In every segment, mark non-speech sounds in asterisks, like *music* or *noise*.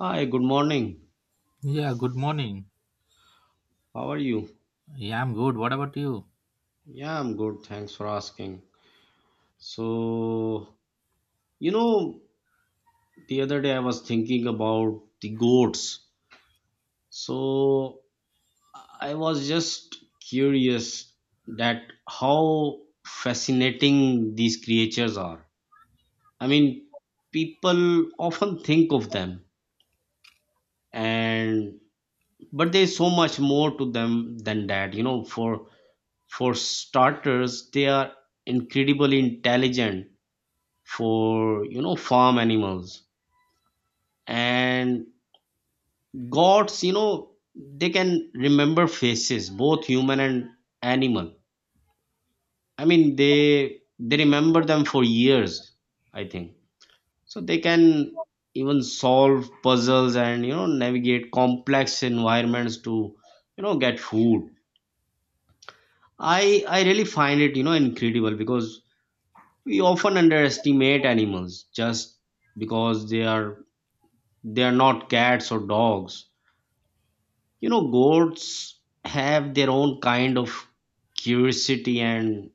Hi, good morning. Yeah, good morning. How are you? Yeah, I'm good. What about you? Yeah, I'm good. Thanks for asking. So, you know, the other day I was thinking about the goats. So, I was just curious that how fascinating these creatures are. I mean, people often think of them and but there's so much more to them than that. For starters, they are incredibly intelligent for farm animals. And gods, they can remember faces, both human and animal. I mean, they remember them for years, I think. So they can even solve puzzles and navigate complex environments to get food. I really find it incredible, because we often underestimate animals, just because they are not cats or dogs. Goats have their own kind of curiosity, and,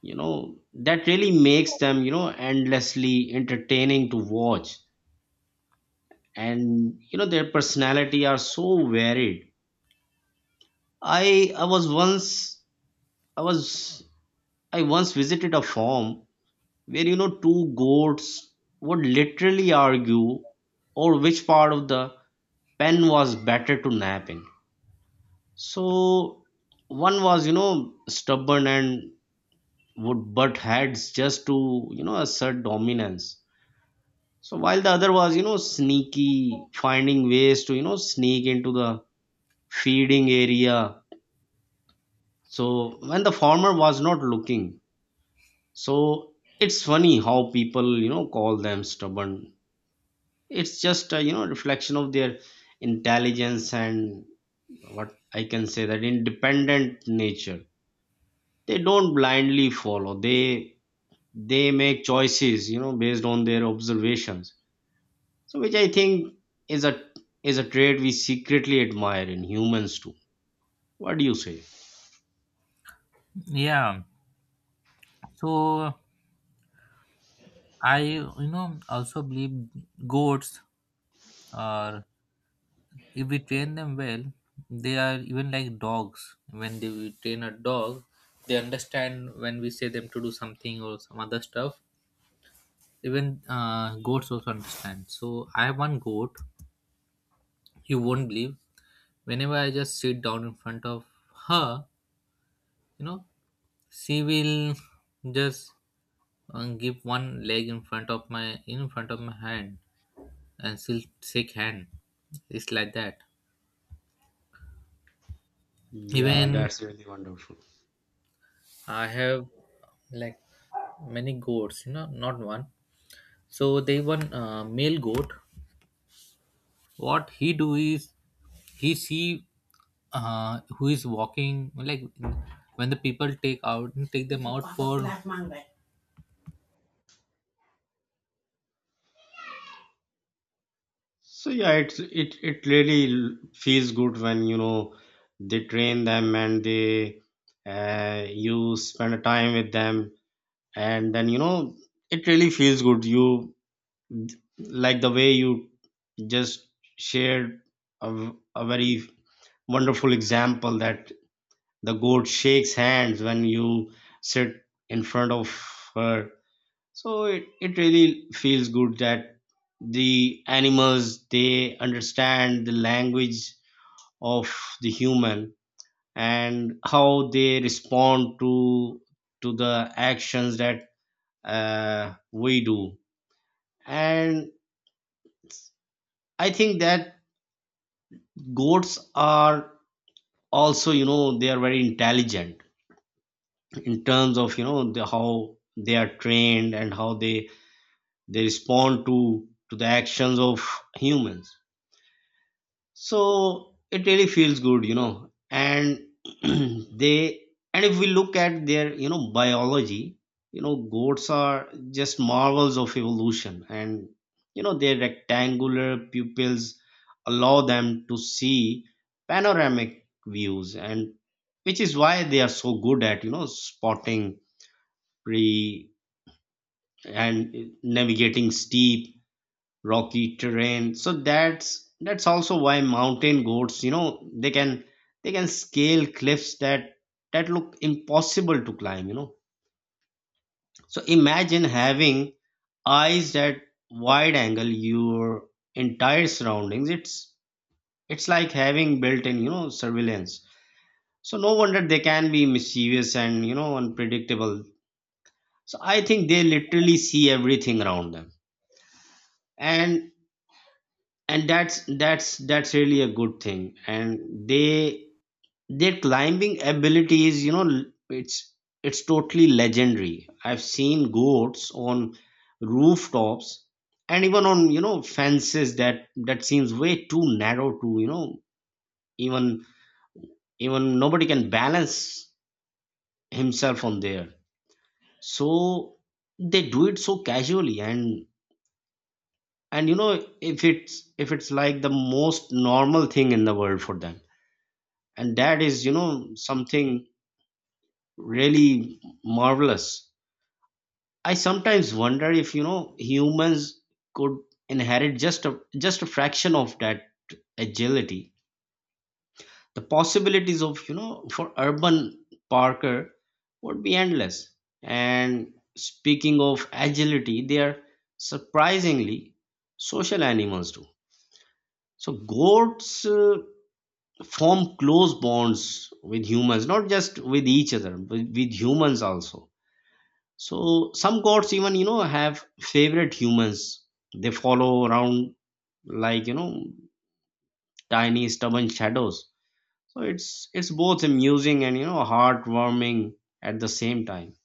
you know, that really makes them endlessly entertaining to watch. And their personality are so varied. I was once I was I once visited a farm where two goats would literally argue or which part of the pen was better to nap in. So one was stubborn and would butt heads just to assert dominance. So, while the other was sneaky, finding ways to sneak into the feeding area, so when the farmer was not looking. So it's funny how people call them stubborn. It's just a reflection of their intelligence and what I can say, that independent nature. They don't blindly follow. They make choices based on their observations. So, which I think, is a is a trait we secretly admire in humans too. What do you say? Yeah, so I also believe goats are, if we train them well, they are even like dogs. When they we train a dog, they understand when we say them to do something or some other stuff. Even goats also understand. So I have one goat, you won't believe. Whenever I just sit down in front of her, you know, she will just and give one leg in front of my hand and still shake hand. It's like that. Yeah, Even, that's really wonderful. I have like many goats, you know, not one. So they one male goat, what he do is he see who is walking, like when the people take them out for... So yeah, it really feels good when they train them, and they you spend a time with them. And then it really feels good. You, like the way you just shared a very wonderful example that the goat shakes hands when you sit in front of her. So, it really feels good that the animals, they understand the language of the human, and how they respond to the actions that we do. And I think that goats are also they are very intelligent, in terms of how they are trained and how they respond to the actions of humans. So it really feels good and *clears throat* they and if we look at their biology. Goats are just marvels of evolution, and their rectangular pupils allow them to see panoramic views, and which is why they are so good at spotting prey and navigating steep rocky terrain. So that's also why mountain goats they can scale cliffs that look impossible to climb. So imagine having eyes that wide angle your entire surroundings. It's like having built-in surveillance. So no wonder they can be mischievous and unpredictable. So I think they literally see everything around them. And and that's really a good thing. And they their climbing ability is it's totally legendary. I've seen goats on rooftops and even on fences that seems way too narrow to even even nobody can balance himself on there. So they do it so casually, and if it's like the most normal thing in the world for them. And that is something really marvelous. I sometimes wonder if humans could inherit just a fraction of that agility. The possibilities of for urban parker would be endless. And speaking of agility, they are surprisingly social animals too. So goats form close bonds with humans, not just with each other but with humans also. So some gods even have favorite humans they follow around, like tiny stubborn shadows. So it's both amusing and heartwarming at the same time.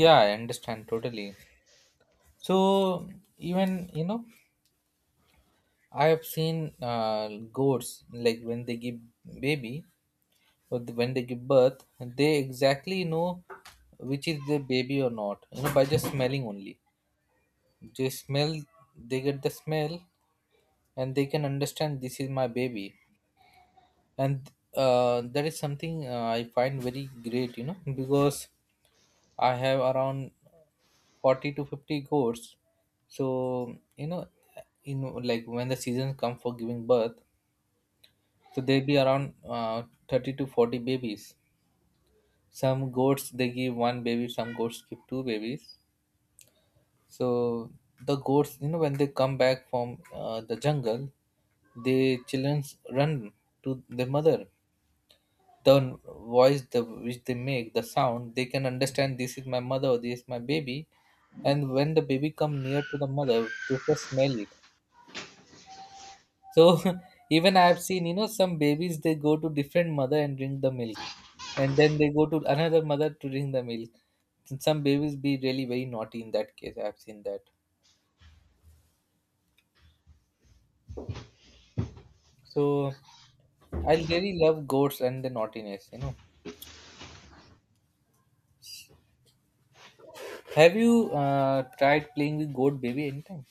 Yeah, I understand totally. So even, you know, I have seen goats like when they give baby or when they give birth, they exactly know which is the baby or not. You know, by just smelling only. They smell, they get the smell, and they can understand this is my baby. And that is something I find very great. You know, because I have around 40 to 50 goats, so like when the seasons come for giving birth. So they be around 30 to 40 babies. Some goats they give one baby, some goats give two babies. So the goats, when they come back from the jungle, the children run to the mother. The voice which they make, the sound, they can understand this is my mother or this is my baby. And when the baby come near to the mother, they first smell it. So *laughs* even I have seen, some babies they go to different mother and drink the milk, and then they go to another mother to drink the milk. Some babies be really very naughty in that case. I have seen that. So I really love goats and the naughtiness. Have you tried playing with goat baby anytime?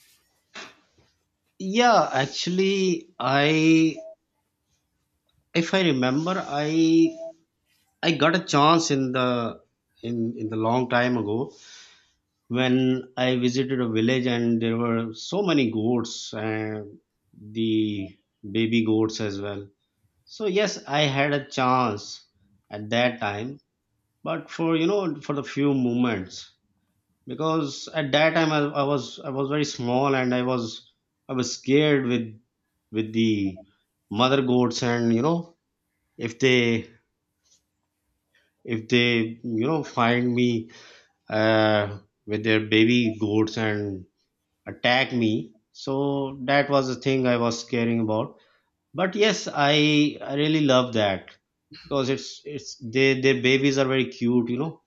Yeah, actually, I if I remember, I got a chance in the long time ago, when I visited a village and there were so many goats and the baby goats as well. So yes, I had a chance at that time, but for you know for the few moments, because at that time, I was very small and I was scared with the mother goats. And if they if they find me, uh, with their baby goats, and attack me, so that was the thing I was caring about. But yes, I really love that, because it's they their babies are very cute.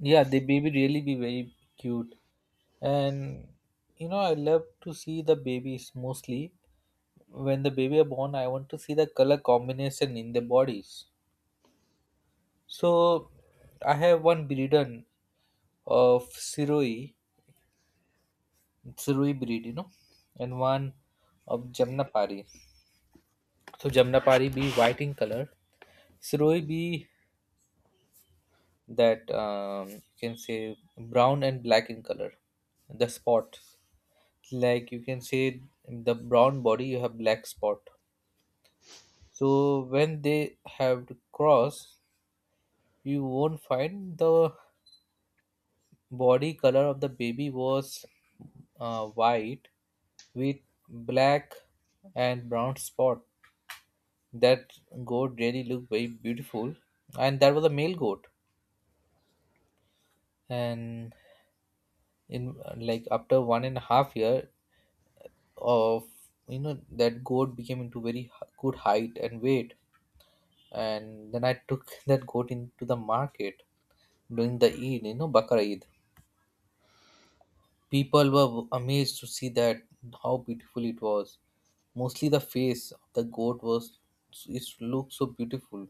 Yeah, the baby really be very cute, and I love to see the babies mostly. When the baby are born, I want to see the color combination in the bodies. So I have one breeden of Siroi, Siroi breed, and one of Jamnapari. So Jamnapari be white in color, Siroi be that you can say brown and black in color. The spot, like you can say, the brown body, you have black spot. So when they have to cross, you won't find the body color of the baby was white with black and brown spot. That goat really looked very beautiful, and that was a male goat. And in like after 1.5 year of, that goat became into very good height and weight. And then I took *laughs* that goat into the market during the Eid, Bakar Eid. People were amazed to see that how beautiful it was. Mostly the face of the goat was, it looked so beautiful,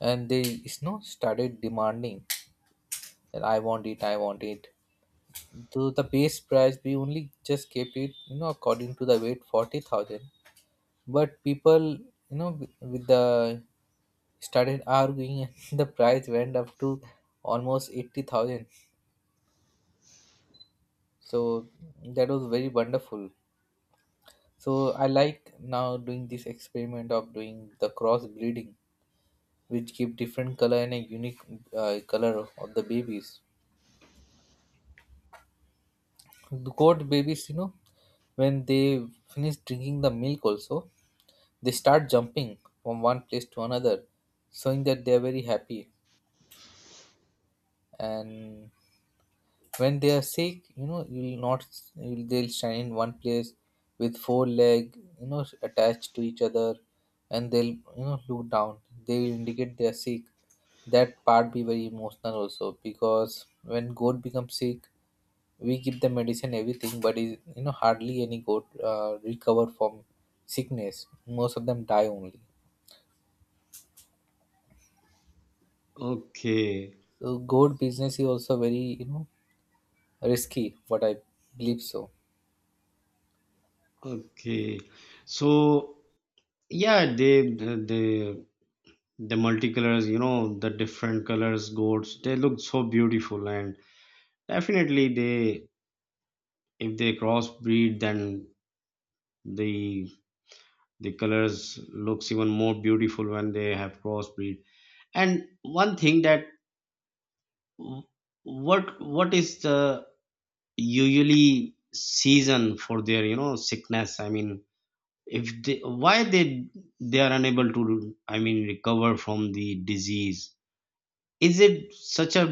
and they is not started demanding that I want it, I want it. Though the base price we only just kept it, according to the weight 40,000. But people, with the started arguing, *laughs* and the price went up to almost 80,000. So that was very wonderful. So I like now doing this experiment of doing the cross breeding, which give different color and a unique color of the babies. The goat babies, when they finish drinking the milk, also they start jumping from one place to another, showing that they are very happy. And when they are sick, you'll not, you'll, they'll stand in one place with four leg, attached to each other, and they'll look down. They'll indicate they are sick. That part be very emotional also, because when goat becomes sick, we give them medicine everything, but is hardly any goat recover from sickness. Most of them die only. Okay. So goat business is also very, you know, risky, what I believe. So Okay. So yeah, they the multicolors, the different colors goats, they look so beautiful. And definitely they if they crossbreed, then the the colors looks even more beautiful when they have crossbreed. And one thing that, what is the usually season for their sickness? I mean, if they why they are unable to, I mean, recover from the disease? Is it such a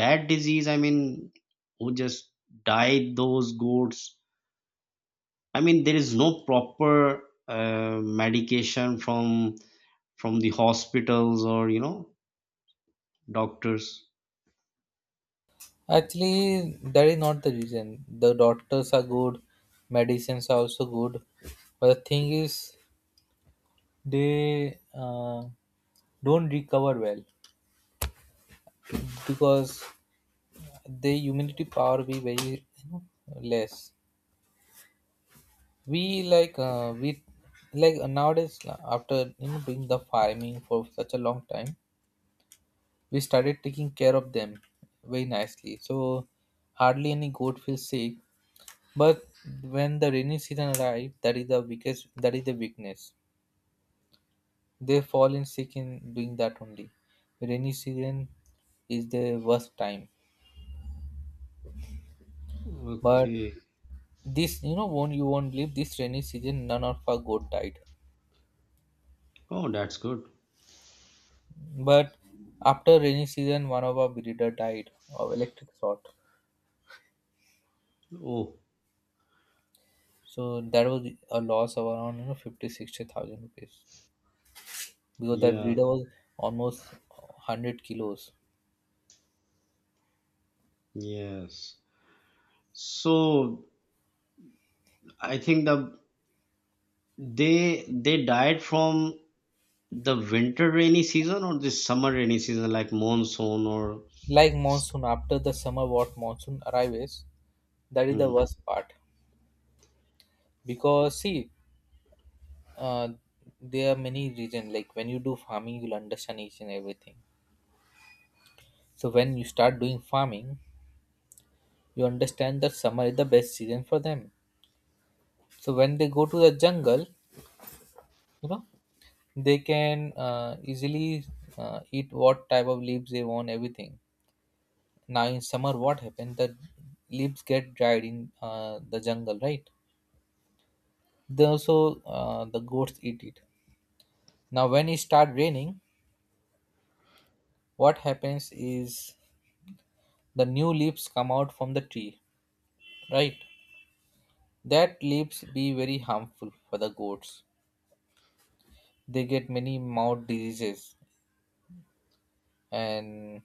bad disease? I mean, who just died those goats? I mean, there is no proper medication from the hospitals, or doctors? actually that is not the reason. The doctors are good, medicines are also good, but the thing is they don't recover well, because the immunity power be very, you know, less. We like nowadays, after doing the farming for such a long time, we started taking care of them very nicely, so hardly any goat feels sick. But when the rainy season arrives, that is the weakness, they fall in sick in doing that only. Rainy season is the worst time. But Okay. this you know won't you won't believe, this rainy season none of our goat died. Oh, that's good. But after rainy season, one of our breeder died of electric short. Oh. So that was a loss of around 50-60 thousand rupees, because that Yeah. breeder was almost 100 kilos. Yes. So I think they died from the winter rainy season or the summer rainy season, like monsoon, or... Like monsoon, after the summer what monsoon arrives, that is the Hmm. worst part. Because see, uh, there are many reasons. Like when you do farming, you'll understand each and everything. So when you start doing farming, you understand that summer is the best season for them. So when they go to the jungle, you know they can easily eat what type of leaves they want, everything. Now in summer what happens, the leaves get dried in the jungle, right? The goats eat it. Now when it start raining, what happens is the new leaves come out from the tree, right? That leaves be very harmful for the goats. They get many mouth diseases, and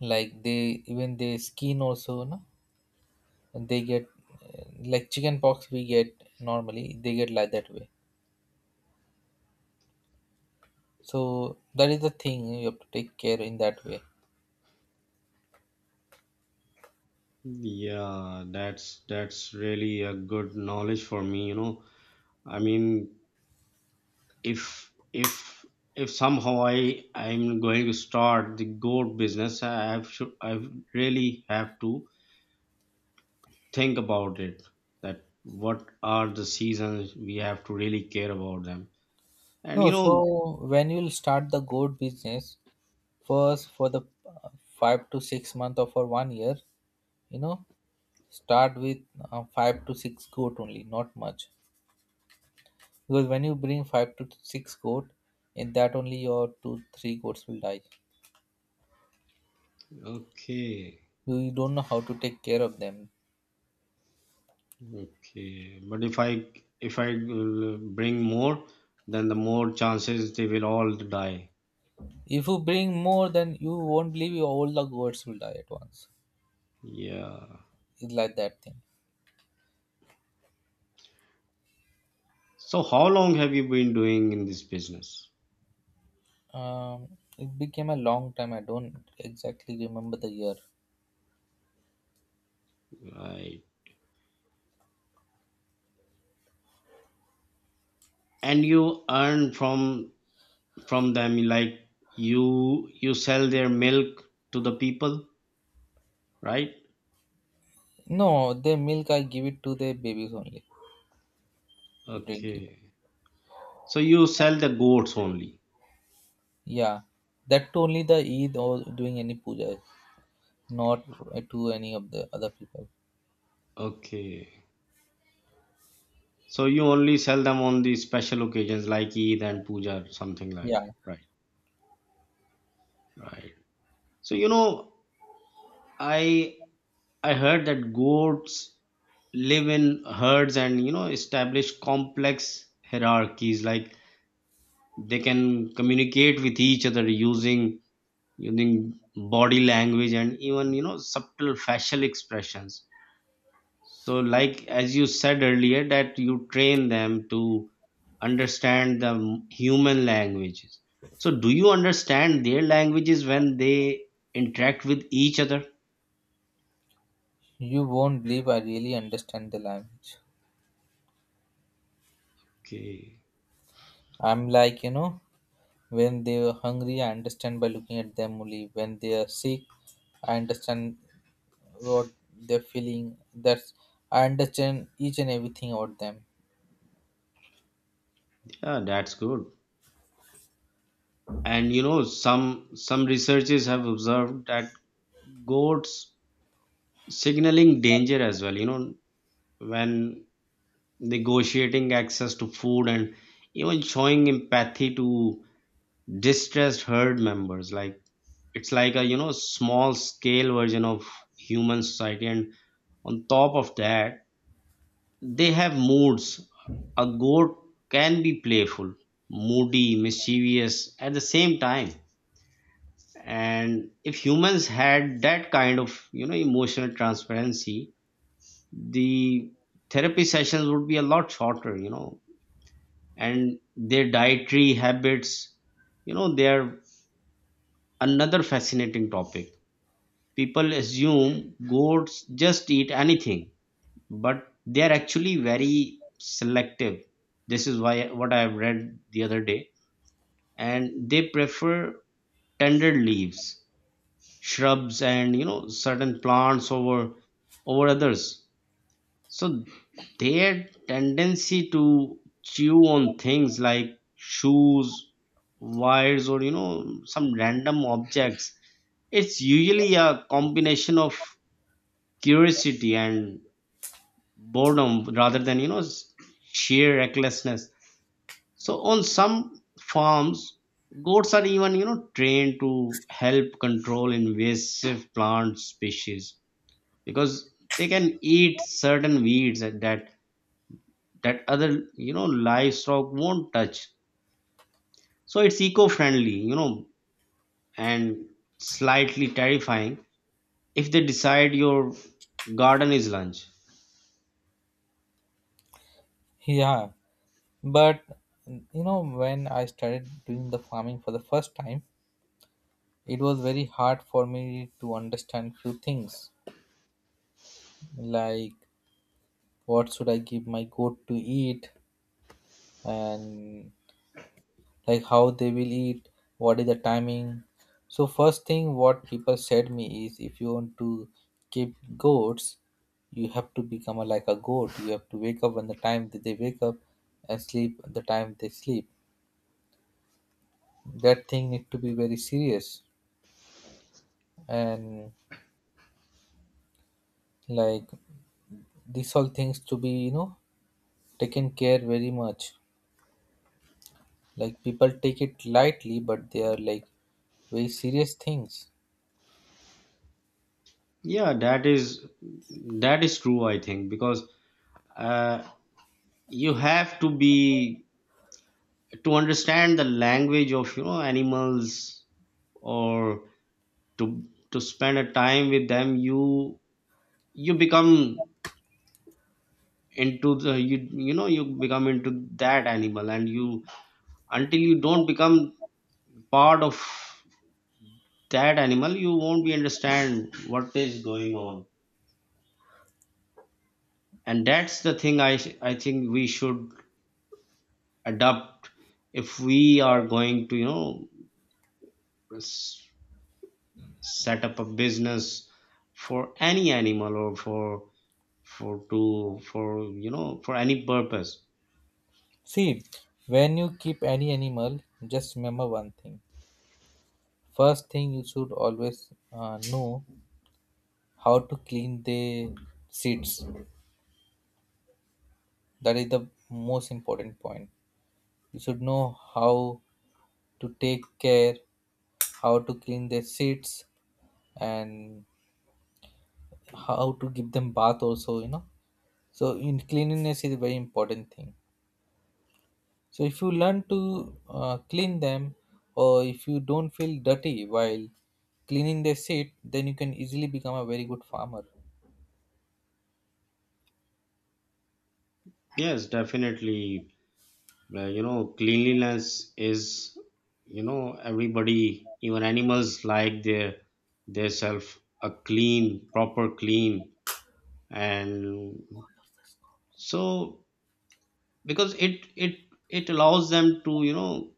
like they even their skin also, no, they get like chicken pox we get normally, they get like that way. So that is the thing you have to take care in that way. Yeah, that's really a good knowledge for me. I mean, if if if somehow I'm going to start the goat business, I have should I really have to think about it. That, what are the seasons we have to really care about them. No, And so when you'll start the goat business, first for the 5 to 6 month or for one year, you know start with 5 to 6 goat only, not much. Because when you bring 5 to 6 goat, in that only your two three goats will die. okay. You don't know how to take care of them. Okay. But if I, bring more, then the more chances they will all die. If you bring more, then you won't believe, you, all the goats will die at once. Yeah. It's like that thing. So how long have you been doing in this business? It became a long time. I don't exactly remember the year. Right. And you earn from them, like you sell their milk to the people, right? No, the milk I give it to the babies only to drink it. Okay. So you sell the goats only? Yeah, that too only the Eid or doing any puja, not to any of the other people. Okay. So you only sell them on the special occasions, like Eid and puja, something like Yeah, that, right? Right. So, I I heard that goats live in herds and establish complex hierarchies. Like they can communicate with each other using body language and even subtle facial expressions. So, like as you said earlier, that you train them to understand the human languages. So, do you understand their languages when they interact with each other? you won't believe, I really understand the language. Okay. I'm like, when they are hungry, I understand by looking at them only. When they are sick, I understand what they're feeling. That's, I understand each and everything about them. Yeah, that's good. And some researchers have observed that goats signaling danger as well when negotiating access to food and even showing empathy to distressed herd members. Like it's like a small scale version of human society. And on top of that, they have moods. A goat can be playful, moody, mischievous at the same time. And if humans had that kind of emotional transparency, the therapy sessions would be a lot shorter. And their dietary habits they're another fascinating topic. People assume goats just eat anything, but they're actually very selective. This is why what I've read the other day. And they prefer tender leaves, shrubs, and certain plants over others. So their tendency to chew on things like shoes, wires, or some random objects, it's usually a combination of curiosity and boredom, rather than sheer recklessness. So on some farms, goats are even trained to help control invasive plant species, because they can eat certain weeds and that other livestock won't touch. So it's eco-friendly, and slightly terrifying if they decide your garden is lunch. Yeah, but when I started doing the farming for the first time, it was very hard for me to understand few things, like what should I give my goat to eat, and like how they will eat, what is the timing. So first thing what people said me is, if you want to keep goats, you have to become like a goat. You have to wake up when the time that they wake up, and sleep the time they sleep. That thing need to be very serious, and like these all things to be, you know, taken care very much. Like people take it lightly, but they are like very serious things. Yeah, that is true, I think, because uh, you have to be to understand the language of animals, or to to spend a time with them. You become into the you you know you become into that animal, and you until you don't become part of that animal, you won't be understand what is going on. And that's the thing, I think we should adopt, if we are going to s- set up a business for any animal, or for to for you know for any purpose. See, when you keep any animal, just remember one thing. First thing you should always know how to clean the seats. That is the most important point. You should know how to take care, how to clean their seats, and how to give them bath also. So in cleanliness is a very important thing. So if you learn to clean them, or if you don't feel dirty while cleaning the seed, then you can easily become a very good farmer. Yes, definitely, where cleanliness is, you know everybody, even animals, like their self a clean, proper clean. And so, because it allows them to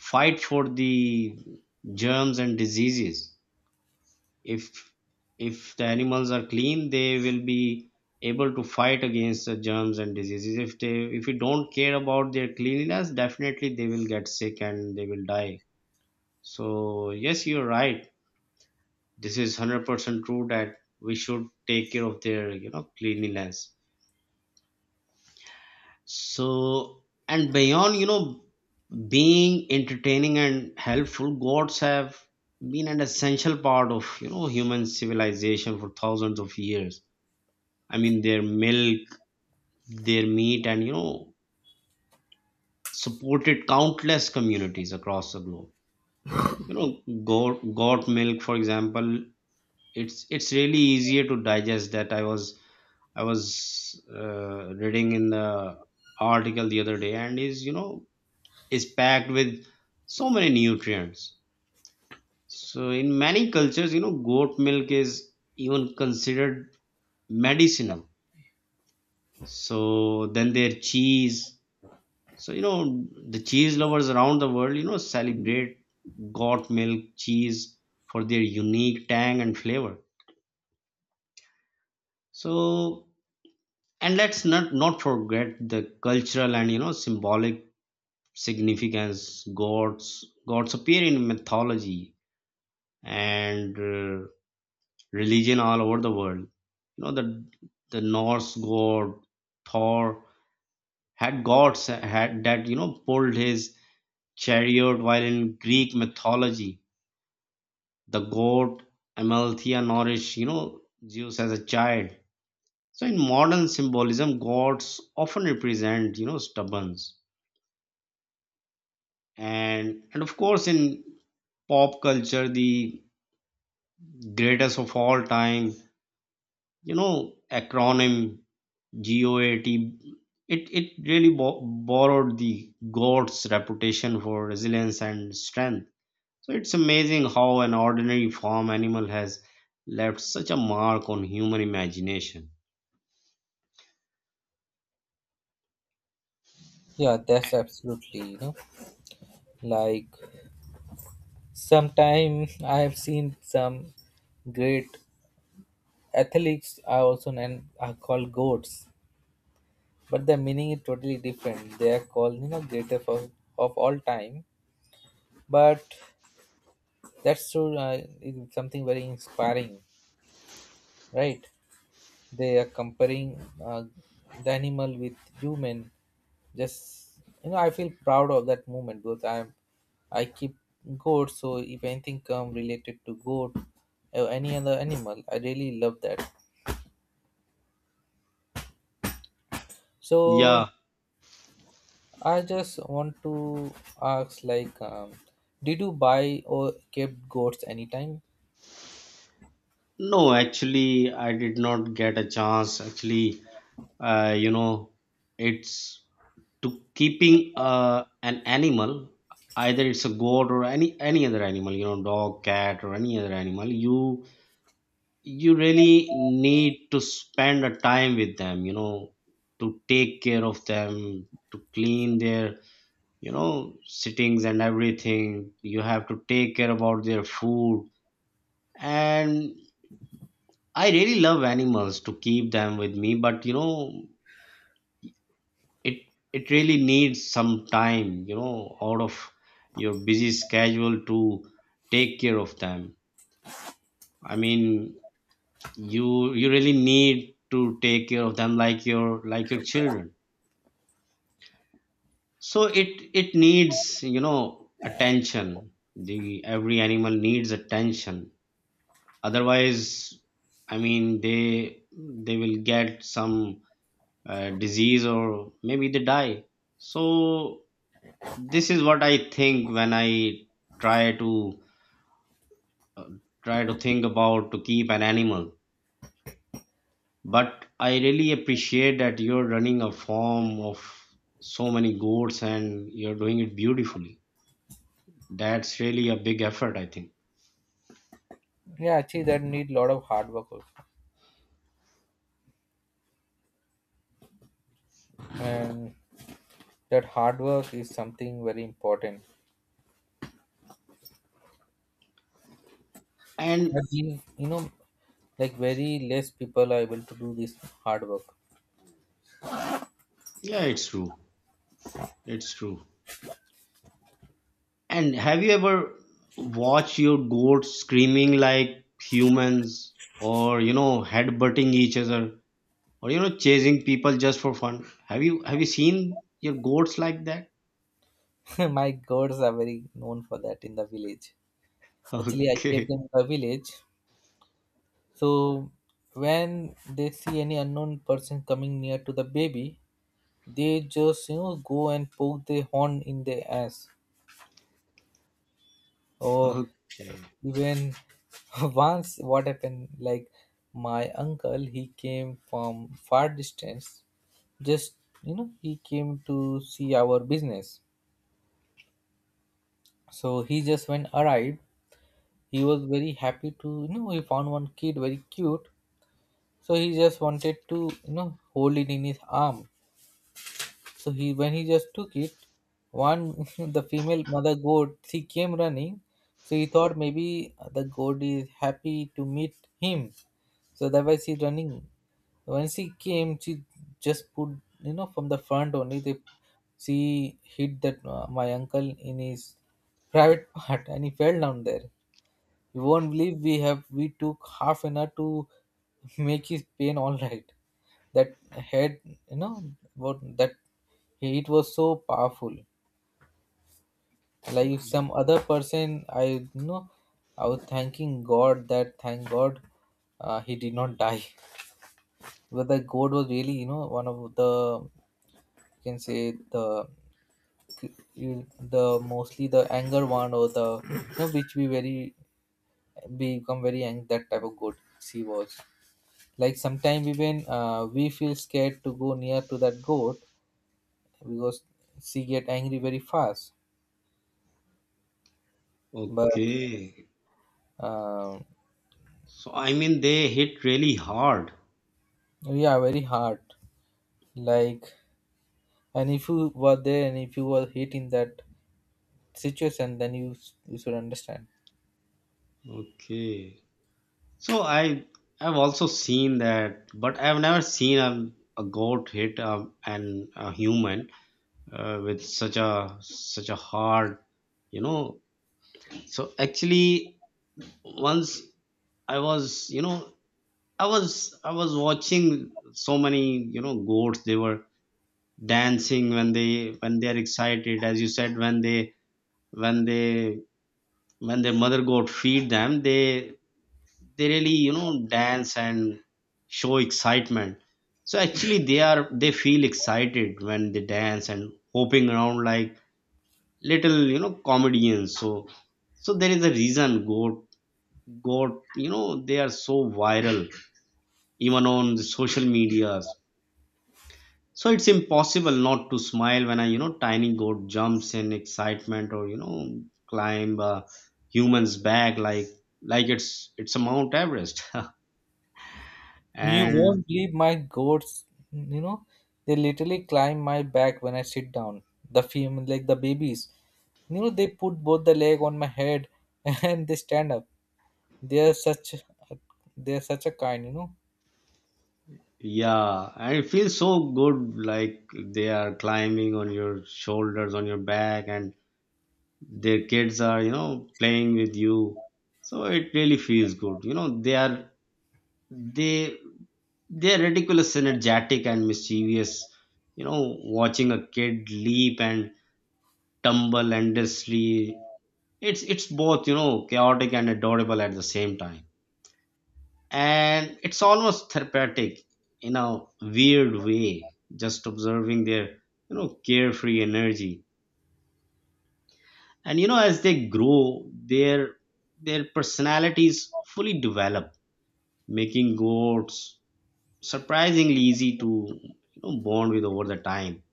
fight for the germs and diseases, if if the animals are clean, they will be able to fight against the germs and diseases. If you don't care about their cleanliness, definitely they will get sick and They will die. So yes, you're right. This is 100% true that we should take care of their, cleanliness. So and beyond, being entertaining and helpful, gods have been an essential part of, human civilization for thousands of years. I mean, their milk, their meat, and supported countless communities across the globe. You know, goat milk, for example, it's really easier to digest. That I was reading in the article the other day, and is is packed with so many nutrients. So in many cultures, goat milk is even considered medicinal. So then their cheese. So the cheese lovers around the world, celebrate goat milk cheese for their unique tang and flavor. So and let's not forget the cultural and symbolic significance. Gods appear in mythology and religion all over the world. The Norse god Thor had gods had that pulled his chariot, while in Greek mythology the god Amalthea nourished Zeus as a child. So in modern symbolism, gods often represent stubborns, and of course in pop culture the greatest of all time acronym GOAT, it really borrowed the goat's reputation for resilience and strength. So it's amazing how an ordinary farm animal has left such a mark on human imagination. Yeah, that's absolutely, you know, like sometimes I have seen some great athletes are also known are called goats, but the meaning is totally different. They are called greatest of all time, but that's so is something very inspiring, right? They are comparing the animal with human. Just I feel proud of that movement, because I keep goat, so if anything come related to goat or any other animal, I really love that. So Yeah. I just want to ask, like did you buy or kept goats anytime? No, actually I did not get a chance. Actually, you know, it's, to keeping an animal, either it's a goat or any other animal, you know, dog, cat or any other animal, you really need to spend a time with them, you know, to take care of them, to clean their, you know, sittings and everything. You have to take care about their food. And I really love animals to keep them with me, but you know, it it really needs some time, you know, out of your busy schedule to take care of them. I mean, you really need to take care of them like your children. So it needs, you know, attention. The every animal needs attention. Otherwise, I mean, they will get some disease or maybe they die. So this is what I think when I try to uh, think about to keep an animal. But I really appreciate that you're running a farm of so many goats and you're doing it beautifully. That's really a big effort, I think. Yeah, actually that need a lot of hard work also. And that hard work is something very important, I And believe, like very less people are able to do this hard work. yeah, it's true, it's true. And have you ever watched your goats screaming like humans or you know headbutting each other or you know chasing people just for fun? Have you seen your goats like that? *laughs* My gods are very known for that in the village. *laughs* Actually, I kept Okay. them in the village. So when they see any unknown person coming near to the baby, they just, go and poke their horn in their ass. Or Okay. even *laughs* once what happened, like my uncle, he came from far distance. Just he came to see our business, so he just when arrived, he was very happy to he found one kid very cute, so he just wanted to hold it in his arm. So he when he just took it, one *laughs* the female mother goat she came running, so he thought maybe the goat is happy to meet him. So that was she running. When she came, she just put, you know, from the front only. They she hit that my uncle in his private *laughs* part, and he fell down there. You won't believe, we took half an hour to *laughs* make his pain all right. That head, what that, it was so powerful. Like if some other person, you know, I was thanking God, that thank God he did not die. *laughs* Whether God was really, one of the you can say the mostly the anger one, or the which we very become very angry, that type of goat she was. Like sometimes even we feel scared to go near to that goat because she get angry very fast. But Okay. um, So I mean they hit really hard. yeah, very hard, like. And if you were there and if you were hit in that situation, then you should understand. Okay. So I've also seen that, but I've never seen a goat hit an a human with such a hard, you know. So actually, once I was, you know, I was I was watching so many, you know, goats. They were dancing when they, when they are excited. As you said, when they, when they when their mother goat feed them, they really, you know, dance and show excitement. So actually they are, they feel excited when they dance and hopping around like little, you know, comedians. So so there is a reason goat, you know, they are so viral even on the social media. So it's impossible not to smile when a, you know, tiny goat jumps in excitement, or you know, climb a human's back like, it's a Mount Everest. *laughs* You And won't believe my goats. You know, they literally climb my back when I sit down. The female, like the babies, they put both the leg on my head *laughs* and they stand up. They are such, a- they are such a kind. Yeah, and it feels so good, like they are climbing on your shoulders, on your back, and their kids are, you know, playing with you. So it really feels good, you know. They, they're ridiculous, energetic and mischievous. You know, watching a kid leap and tumble endlessly. It's both, you know, chaotic and adorable at the same time. And it's almost therapeutic in a weird way, just observing their, you know, carefree energy. And you know, as they grow, their personalities fully develop, making goats surprisingly easy to you know bond with over the time.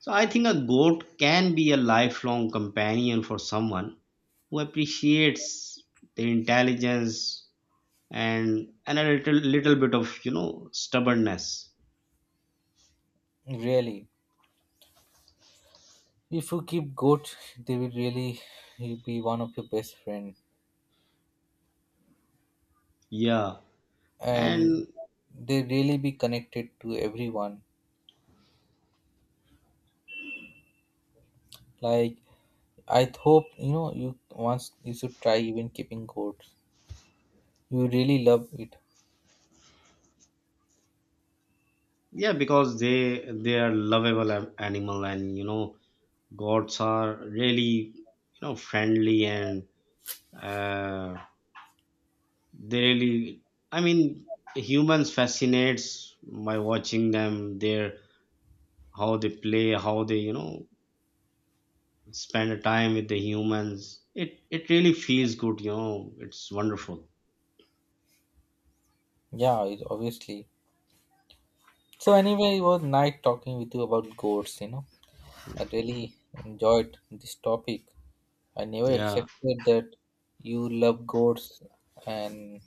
So I think a goat can be a lifelong companion for someone who appreciates the intelligence and a little bit of you know stubbornness. Really. If you keep goat, they will really be one of your best friend, Yeah. and And they really be connected to everyone. Like, I hope you once, you should try even keeping goats. You really love it. yeah, because they are lovable animal, and you know, gods are really, you know, friendly and uh, they really, I mean, humans fascinates by watching them. Their, how they play, how they, you know, spend a time with the humans. It really feels good, you know, it's wonderful. Yeah, it, obviously. So anyway, it was nice talking with you about goats. I really enjoyed this topic. I never Yeah. expected that you love goats, and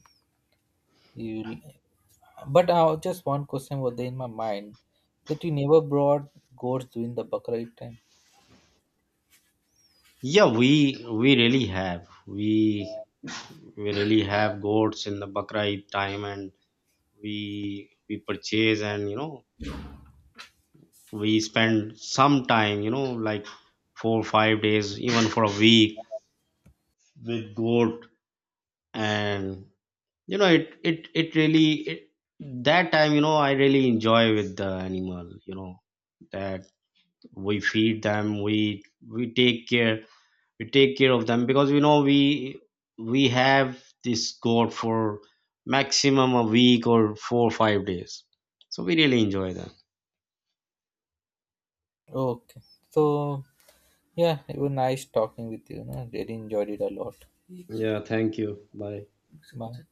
you but just one question was there in my mind, that you never brought goats during the Baqra'id time. Yeah, we really have, we really have goats in the bakra Eid time. And we purchase and you know we spend some time, you know, like 4 or 5 days, even for a week, with goat. And you know, it really, it, that time, you know, I really enjoy with the animal, you know. That we feed them, we take care, we take care of them. Because you know, we have this goat for maximum a week or 4 or 5 days. So we really enjoy them. Okay. So yeah, it was nice talking with you. You know. I really enjoyed it a lot. Yeah, thank you, bye. Bye.